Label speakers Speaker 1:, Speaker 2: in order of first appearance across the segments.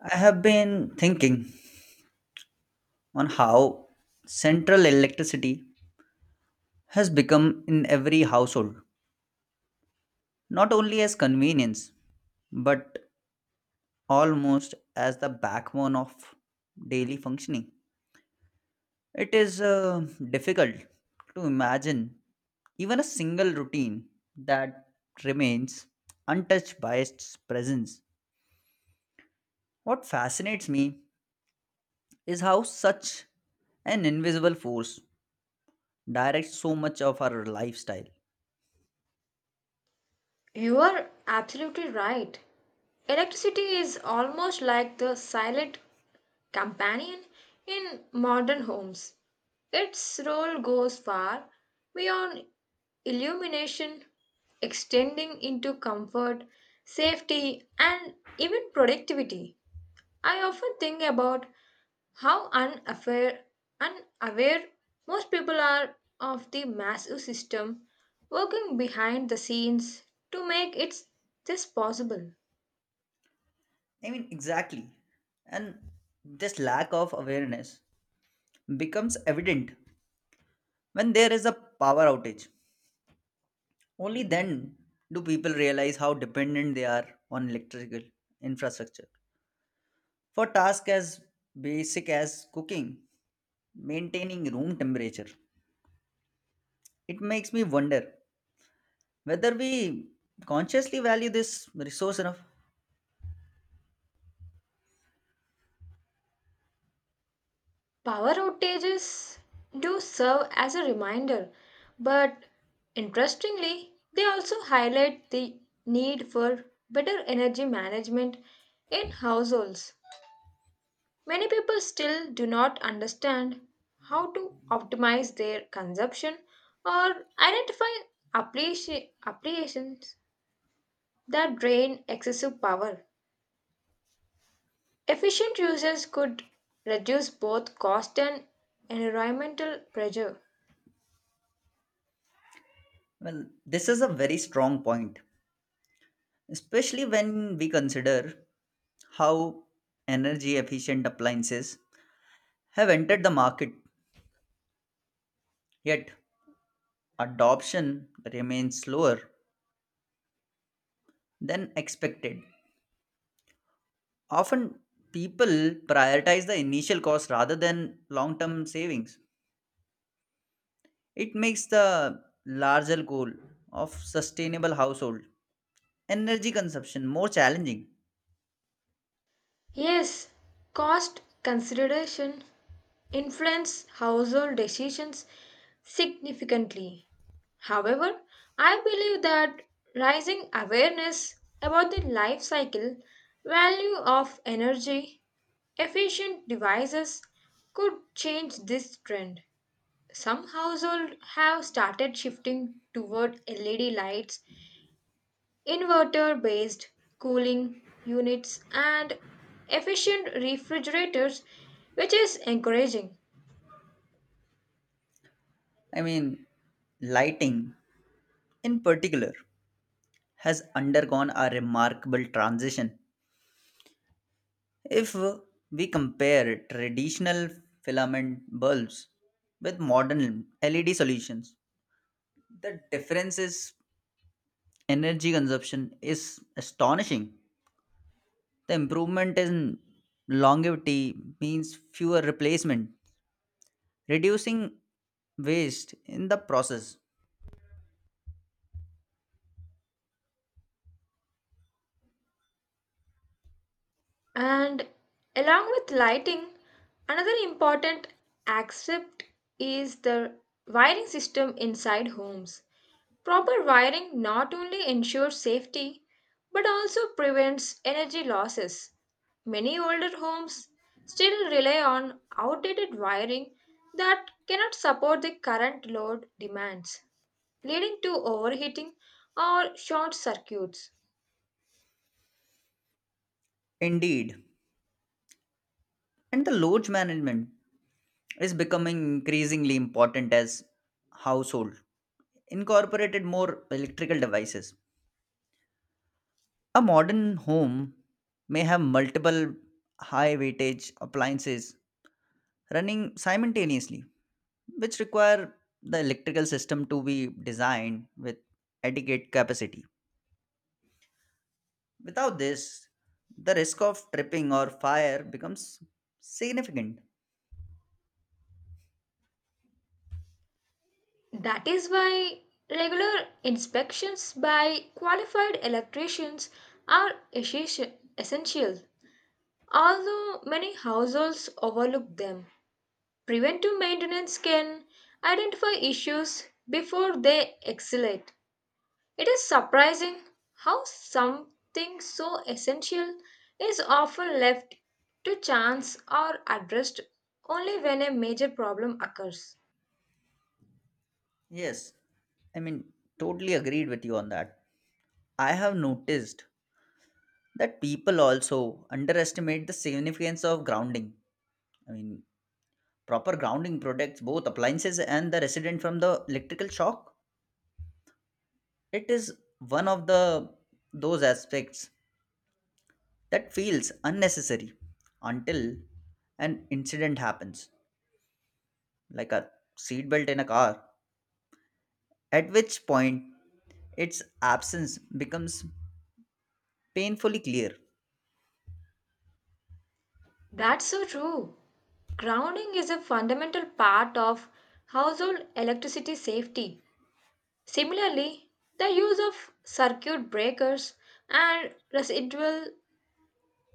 Speaker 1: I have been thinking on how central electricity has become in every household, not only as convenience, but almost as the backbone of daily functioning. It is difficult to imagine even a single routine that remains untouched by its presence. What fascinates me is how such an invisible force directs so much of our lifestyle.
Speaker 2: You are absolutely right. Electricity is almost like the silent companion in modern homes. Its role goes far beyond illumination, extending into comfort, safety, and even productivity. I often think about how unaware most people are of the massive system working behind the scenes to make it this possible.
Speaker 1: Exactly. And this lack of awareness becomes evident when there is a power outage. Only then do people realize how dependent they are on electrical infrastructure. For tasks as basic as cooking, maintaining room temperature, it makes me wonder whether we consciously value this resource enough.
Speaker 2: Power outages do serve as a reminder, but interestingly, they also highlight the need for better energy management in households. Many people still do not understand how to optimize their consumption or identify applications that drain excessive power. Efficient users could reduce both cost and environmental pressure.
Speaker 1: Well, this is a very strong point, especially when we consider how energy efficient appliances have entered the market, yet adoption remains slower than expected. Often, people prioritize the initial cost rather than long term savings. It makes the larger goal of sustainable household energy consumption more challenging.
Speaker 2: Yes, cost consideration influence household decisions significantly. However, I believe that rising awareness about the life cycle value of energy efficient devices could change this trend. Some households have started shifting toward LED lights, Inverter based cooling units, and efficient refrigerators, which is encouraging.
Speaker 1: I mean, lighting in particular has undergone a remarkable transition. If we compare traditional filament bulbs with modern LED solutions, the difference is energy consumption is astonishing. The improvement in longevity means fewer replacement, reducing waste in the process.
Speaker 2: And along with lighting, another important aspect is the wiring system inside homes. Proper wiring not only ensures safety but also prevents energy losses. Many older homes still rely on outdated wiring that cannot support the current load demands, leading to overheating or short circuits.
Speaker 1: Indeed, and the load management is becoming increasingly important as household incorporated more electrical devices. A modern home may have multiple high weightage appliances running simultaneously, which require the electrical system to be designed with adequate capacity. Without this, the risk of tripping or fire becomes significant.
Speaker 2: That is why regular inspections by qualified electricians are essential, although many households overlook them. Preventive maintenance can identify issues before they escalate. It is surprising how something so essential is often left to chance or addressed only when a major problem occurs.
Speaker 1: Yes, I mean, totally agreed with you on that. I have noticed that people also underestimate the significance of grounding. I mean, proper grounding protects both appliances and the resident from the electrical shock. It is one of the those aspects that feels unnecessary until an incident happens, like a seatbelt in a car, at which point its absence becomes painfully clear.
Speaker 2: That's so true. Grounding is a fundamental part of household electricity safety. Similarly, the use of circuit breakers and residual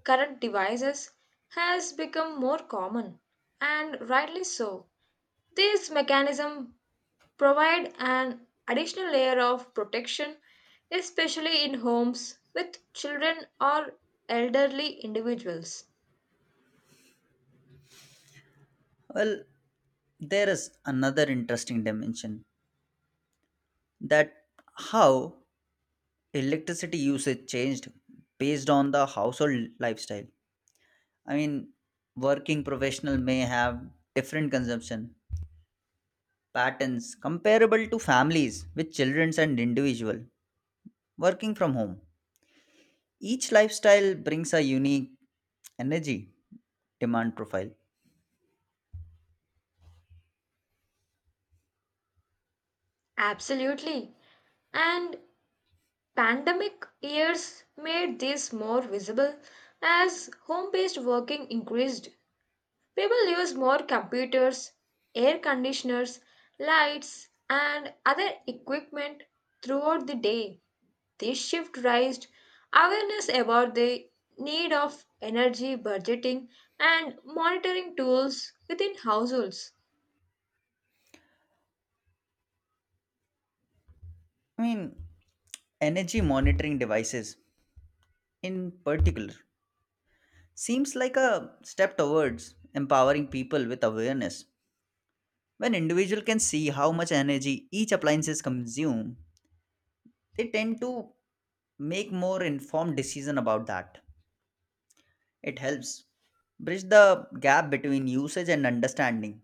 Speaker 2: current devices has become more common, and rightly so. These mechanisms provide an additional layer of protection, especially in homes with children or elderly individuals.
Speaker 1: Well, there is another interesting dimension, that how electricity usage changed based on the household lifestyle. I mean, working professional may have different consumption patterns comparable to families with children and individual working from home. Each lifestyle brings a unique energy demand profile.
Speaker 2: Absolutely. And pandemic years made this more visible as home based working increased. People use more computers, air conditioners, lights, and other equipment throughout the day. This shift raised awareness about the need of energy budgeting and monitoring tools within households.
Speaker 1: I mean, energy monitoring devices in particular seems like a step towards empowering people with awareness. When individual can see how much energy each appliances consume, they tend to make more informed decision about that. It helps bridge the gap between usage and understanding.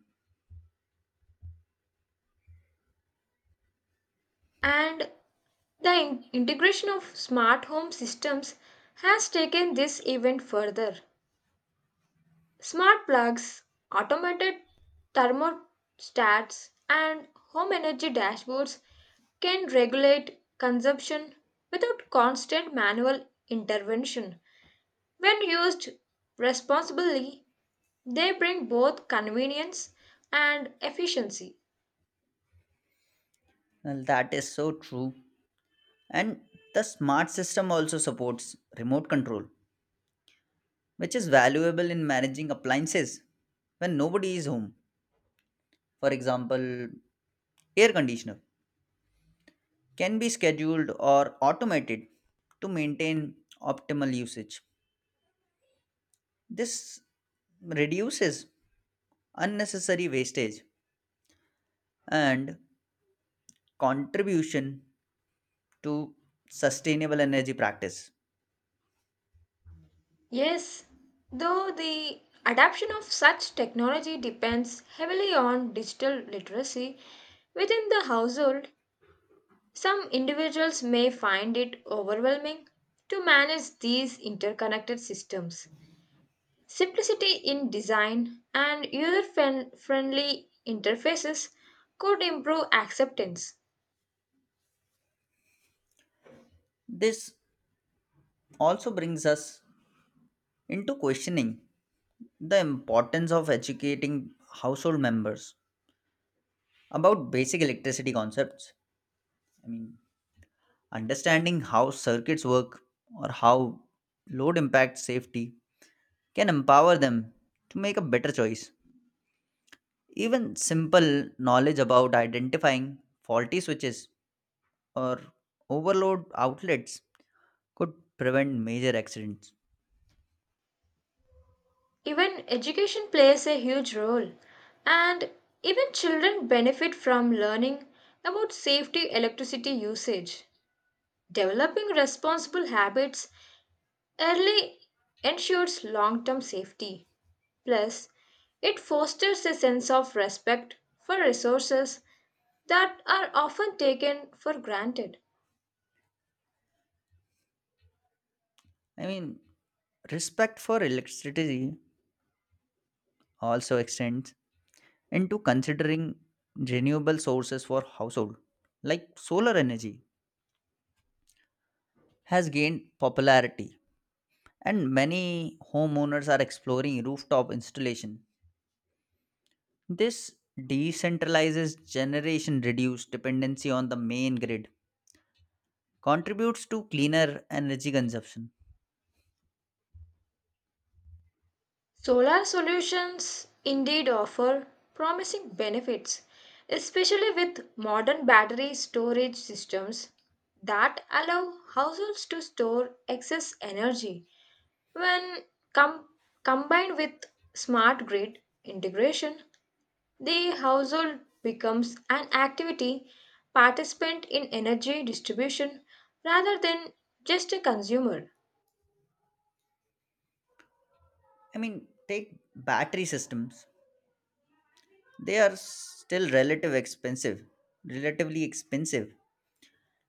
Speaker 2: And the integration of smart home systems has taken this even further. Smart plugs, automated thermostats, and home energy dashboards can regulate consumption without constant manual intervention. When used responsibly, they bring both convenience and efficiency.
Speaker 1: Well, that is so true, and the smart system also supports remote control, which is valuable in managing appliances when nobody is home. For example, air conditioner can be scheduled or automated to maintain optimal usage. This reduces unnecessary wastage and contribution to sustainable energy practice.
Speaker 2: Yes, though the adoption of such technology depends heavily on digital literacy within the household. Some individuals may find it overwhelming to manage these interconnected systems. Simplicity in design and user friendly interfaces could improve acceptance.
Speaker 1: This also brings us into questioning the importance of educating household members about basic electricity concepts. I mean, understanding how circuits work or how load impact safety can empower them to make a better choice. Even simple knowledge about identifying faulty switches or overload outlets could prevent major accidents.
Speaker 2: Even education plays a huge role, and even children benefit from learning about safety electricity usage. Developing responsible habits early ensures long term safety. Plus, it fosters a sense of respect for resources that are often taken for granted.
Speaker 1: I mean, respect for electricity also extends into considering renewable sources for household, like solar energy has gained popularity and many homeowners are exploring rooftop installation. This decentralizes generation, reduce dependency on the main grid, contributes to cleaner energy consumption.
Speaker 2: Solar solutions indeed offer promising benefits, especially with modern battery storage systems that allow households to store excess energy. When com- combined with smart grid integration, the household becomes an activity participant in energy distribution rather than just a consumer.
Speaker 1: I mean, take battery systems, they are still relatively expensive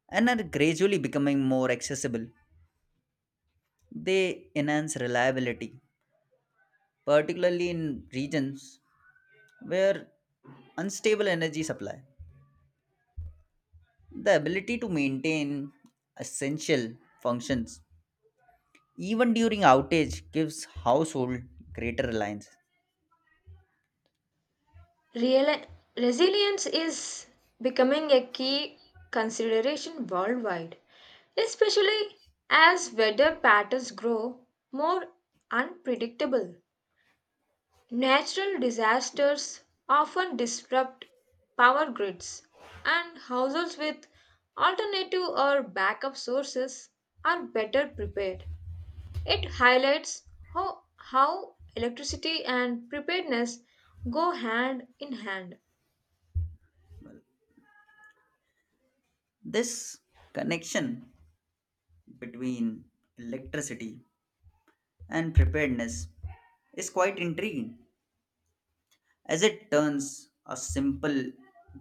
Speaker 1: and are gradually becoming more accessible. They enhance reliability, particularly in regions where unstable energy supply. The ability to maintain essential functions even during outage gives household greater reliance.
Speaker 2: Real- Resilience is becoming a key consideration worldwide, especially as weather patterns grow more unpredictable. Natural disasters often disrupt power grids, and households with alternative or backup sources are better prepared. It highlights how electricity and preparedness go hand in hand.
Speaker 1: This connection between electricity and preparedness is quite intriguing, as it turns a simple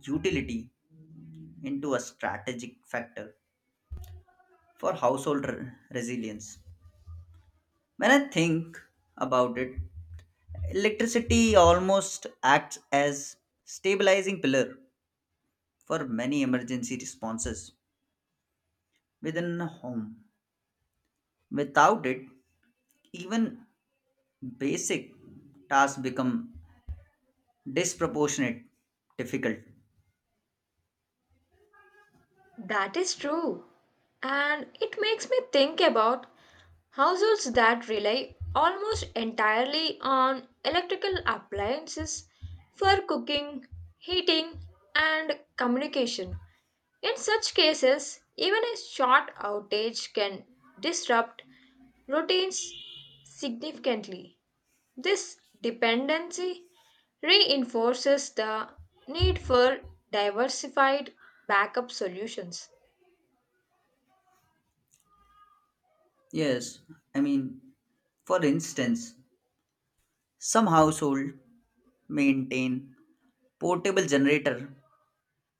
Speaker 1: utility into a strategic factor for household resilience. When I think about it, electricity almost acts as stabilizing pillar for many emergency responses within a home. Without it, even basic tasks become disproportionate difficult.
Speaker 2: That is true, and it makes me think about households that rely almost entirely on electrical appliances for cooking, heating, and communication. In such cases, even a short outage can disrupt routines significantly. This dependency reinforces the need for diversified backup solutions.
Speaker 1: Yes, I mean, for instance, some household maintain portable generator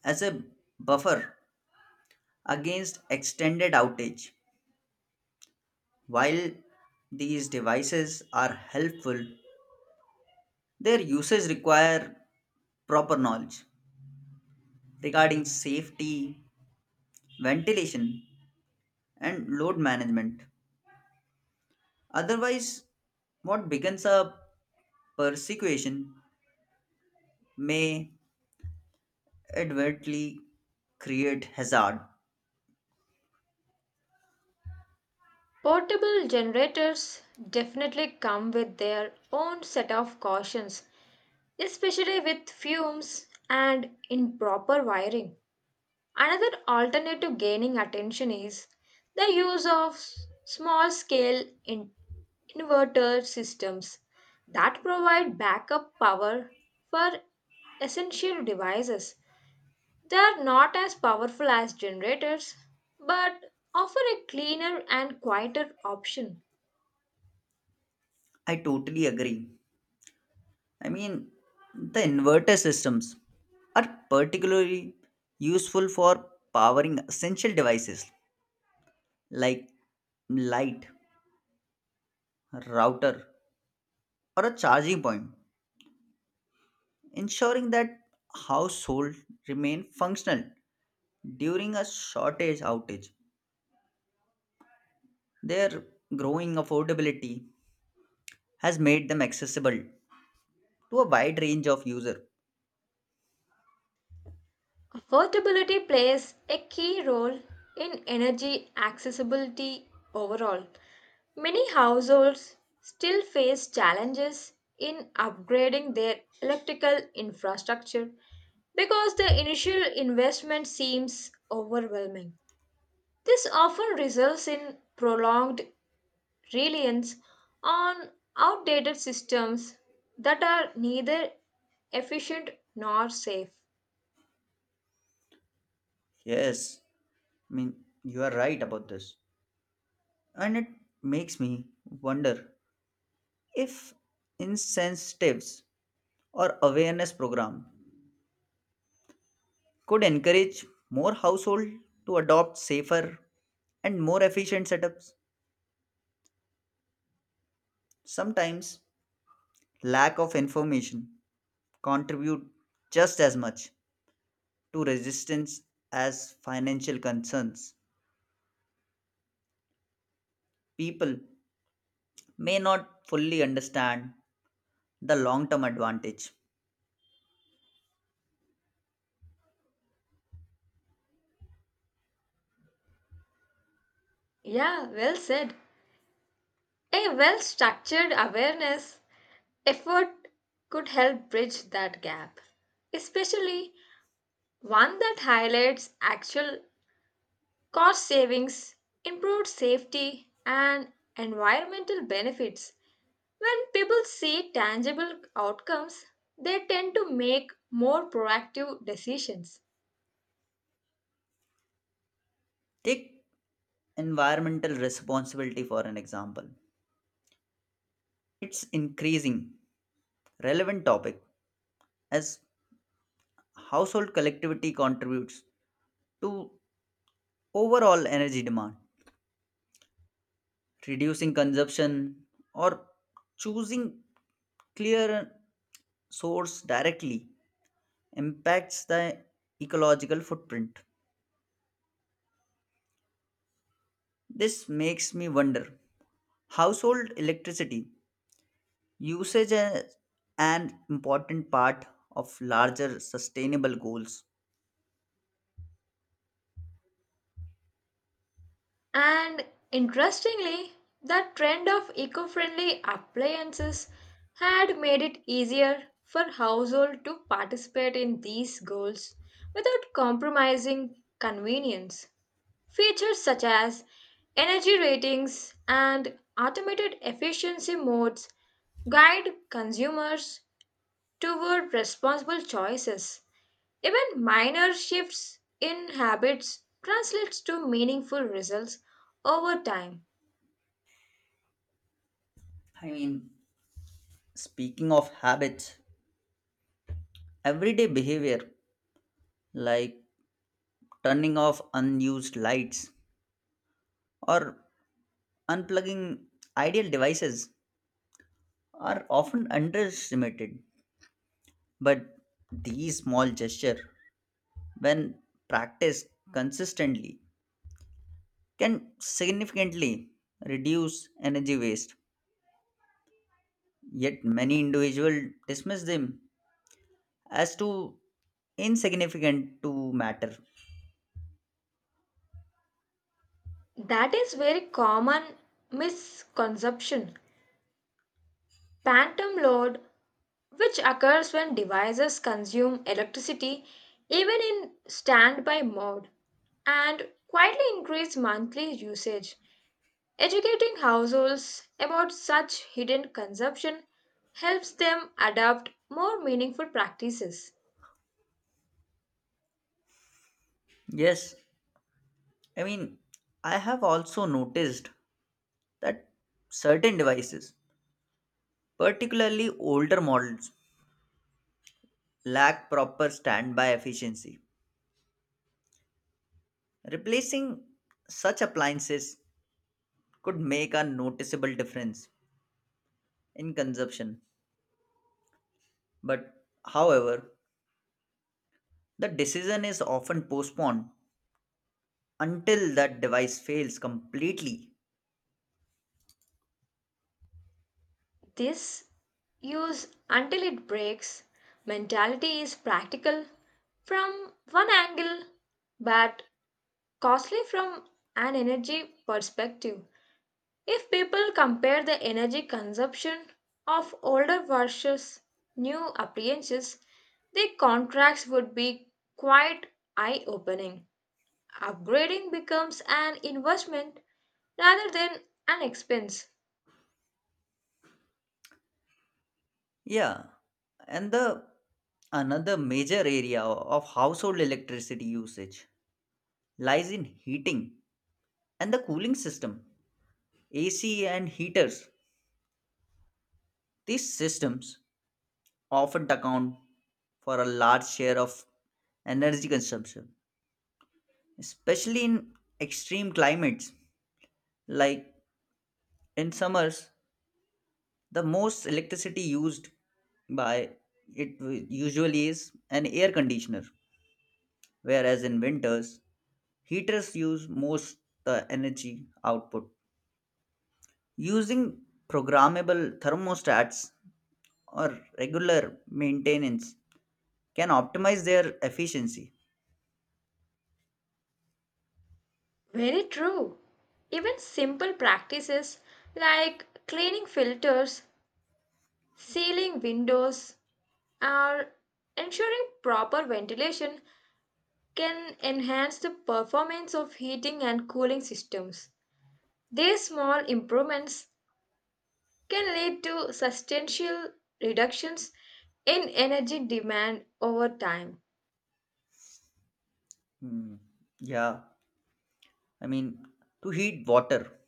Speaker 1: as a buffer against extended outage. While these devices are helpful, their usage require proper knowledge regarding safety, ventilation, and load management. Otherwise, what becomes a persecution may advertently create hazard.
Speaker 2: Portable generators definitely come with their own set of cautions, especially with fumes and improper wiring. Another alternative gaining attention is the use of small scale inverter systems that provide backup power for essential devices. They are not as powerful as generators but offer a cleaner and quieter option.
Speaker 1: I totally agree. I mean, the inverter systems are particularly useful for powering essential devices like light, router, or a charging point, ensuring that households remain functional during a shortage outage. Their growing affordability has made them accessible to a wide range of users.
Speaker 2: Affordability plays a key role in energy accessibility overall. Many households still face challenges in upgrading their electrical infrastructure because the initial investment seems overwhelming. This often results in prolonged reliance on outdated systems that are neither efficient nor safe.
Speaker 1: Yes, I mean, you are right about this. And it makes me wonder if incentives or awareness program could encourage more household to adopt safer and more efficient setups. Sometimes lack of information contribute just as much to resistance as financial concerns. People may not fully understand the long-term advantage.
Speaker 2: Yeah, well said. A well structured awareness effort could help bridge that gap, especially one that highlights actual cost savings, improved safety, and environmental benefits. When people see tangible outcomes, they tend to make more proactive decisions.
Speaker 1: Take environmental responsibility for an example. It's increasing relevant topic as household collectivity contributes to overall energy demand. Reducing consumption or choosing clear source directly impacts the ecological footprint. This makes me wonder household electricity usage is an important part of larger sustainable goals.
Speaker 2: And interestingly, the trend of eco friendly appliances had made it easier for households to participate in these goals without compromising convenience. Features such as energy ratings and automated efficiency modes guide consumers toward responsible choices. Even minor shifts in habits translates to meaningful results over time.
Speaker 1: I mean, speaking of habits, everyday behavior like turning off unused lights or unplugging ideal devices are often underestimated. But these small gestures, when practiced consistently, can significantly reduce energy waste. Yet many individuals dismiss them as too insignificant to matter.
Speaker 2: That is very common misconception. Phantom load, which occurs when devices consume electricity even in standby mode and quietly increase monthly usage. Educating households about such hidden consumption helps them adopt more meaningful practices.
Speaker 1: Yes, I mean, I have also noticed that certain devices, particularly older models, lack proper standby efficiency. Replacing such appliances could make a noticeable difference in consumption, but however, the decision is often postponed until that device fails completely.
Speaker 2: This use until it breaks mentality is practical from one angle but costly from an energy perspective. If people compare the energy consumption of older versus new appliances, the contracts would be quite eye opening. Upgrading becomes an investment rather than an expense.
Speaker 1: Yeah, and the another major area of household electricity usage lies in heating and the cooling system. AC and heaters. These systems often account for a large share of energy consumption, especially in extreme climates. Like in summers, the most electricity used by usually is an air conditioner, whereas in winters, heaters use most the energy output. Using programmable thermostats or regular maintenance can optimize their efficiency.
Speaker 2: Very true. Even simple practices like cleaning filters, sealing windows, or ensuring proper ventilation can enhance the performance of heating and cooling systems. These small improvements can lead to substantial reductions in energy demand over time.
Speaker 1: Hmm, Yeah. I mean, to heat water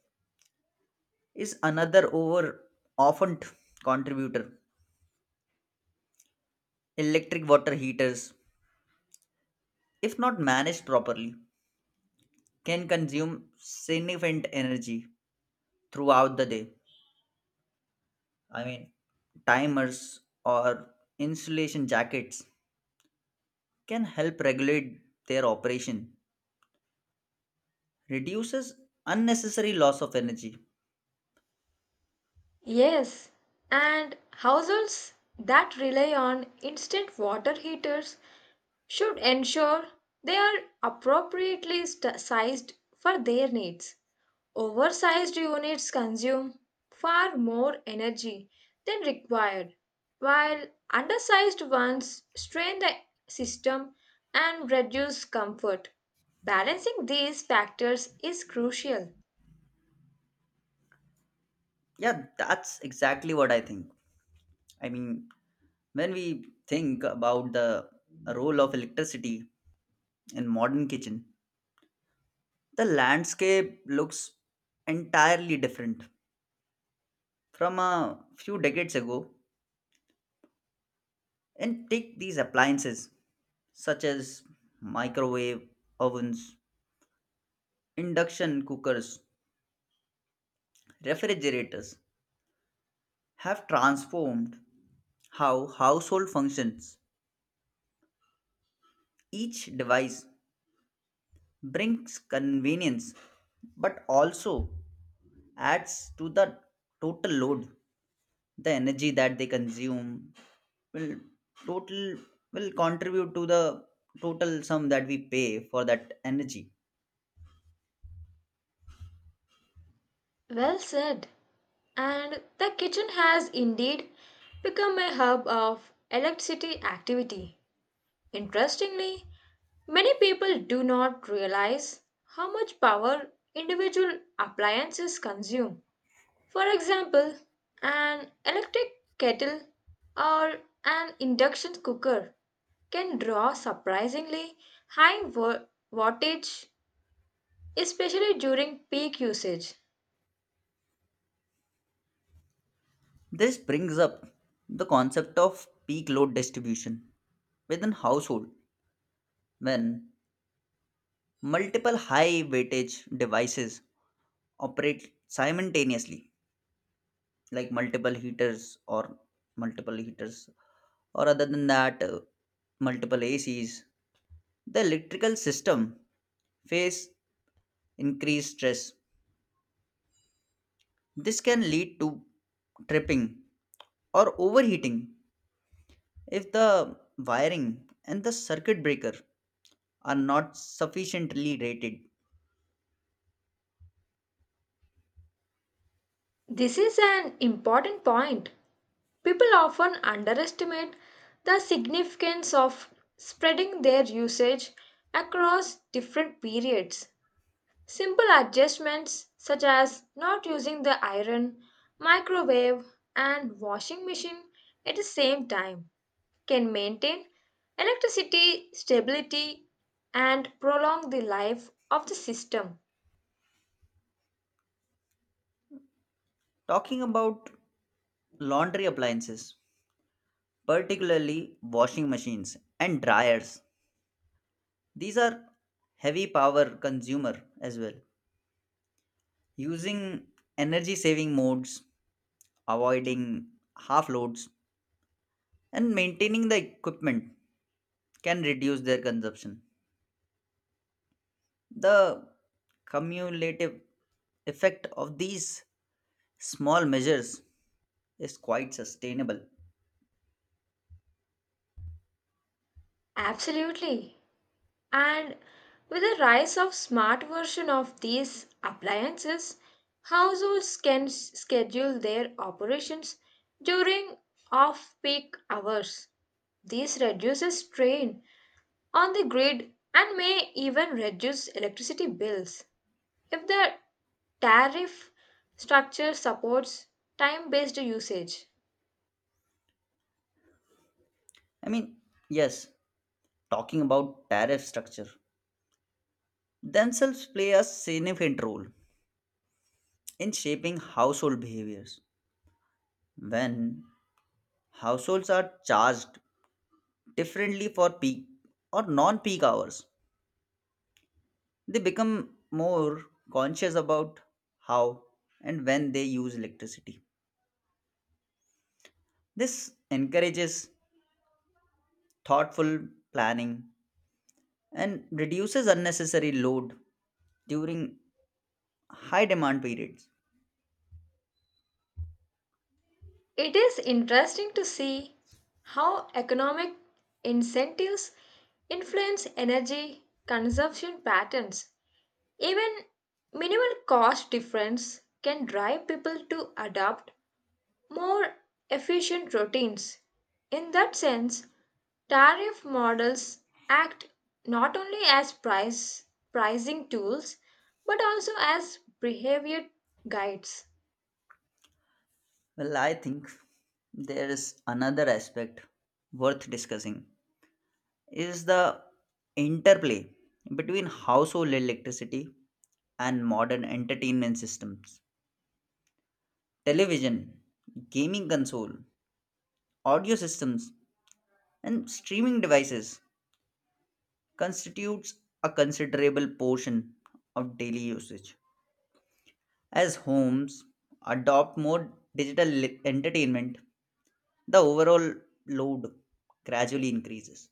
Speaker 1: is another often t- contributor. Electric water heaters, if not managed properly, can consume significant energy throughout the day. I mean, timers or insulation jackets can help regulate their operation, reduces unnecessary loss of energy.
Speaker 2: Yes, and households that rely on instant water heaters should ensure they are appropriately sized for their needs. Oversized units consume far more energy than required, while undersized ones strain the system and reduce comfort. Balancing these factors is crucial.
Speaker 1: Yeah, that's exactly what I think. I mean, when we think about the role of electricity in modern kitchen, the landscape looks entirely different from a few decades ago. And take these appliances such as microwave ovens, induction cookers, refrigerators have transformed how household functions. Each device brings convenience but also adds to the total load. The energy that they consume will total will contribute to the total sum that we pay for that energy.
Speaker 2: Well said. And the kitchen has indeed become a hub of electricity activity. Interestingly, many people do not realize how much power individual appliances consume. For example, an electric kettle or an induction cooker can draw surprisingly high wattage, especially during peak usage.
Speaker 1: This brings up the concept of peak load distribution within household. When multiple high weightage devices operate simultaneously, like multiple heaters or other than that multiple acs, the electrical system face increased stress. This can lead to tripping or overheating if the wiring and the circuit breaker are not sufficiently rated.
Speaker 2: This is an important point. People often underestimate the significance of spreading their usage across different periods. Simple adjustments such as not using the iron, microwave, and washing machine at the same time can maintain electricity stability and prolong the life of the system.
Speaker 1: Talking about laundry appliances, particularly washing machines and dryers, these are heavy power consumer as well. Using energy saving modes, avoiding half loads and maintaining the equipment can reduce their consumption. The cumulative effect of these small measures is quite sustainable.
Speaker 2: Absolutely. And with the rise of smart version of these appliances, households can schedule their operations during off-peak hours. This reduces strain on the grid and may even reduce electricity bills if the tariff structure supports time based usage.
Speaker 1: I mean, yes, talking about tariff structure themselves play a significant role in shaping household behaviors. When households are charged differently for peak or non peak hours, they become more conscious about how and when they use electricity. This encourages thoughtful planning and reduces unnecessary load during high demand periods.
Speaker 2: It is interesting to see how economic incentives influence energy consumption patterns. Even minimal cost difference can drive people to adopt more efficient routines. In that sense, tariff models act not only as price pricing tools but also as behavior guides.
Speaker 1: Well, I think there is another aspect worth discussing is the interplay between household electricity and modern entertainment systems. Television, gaming console, audio systems and streaming devices constitutes a considerable portion of daily usage. As homes adopt more digital entertainment, the overall load gradually increases.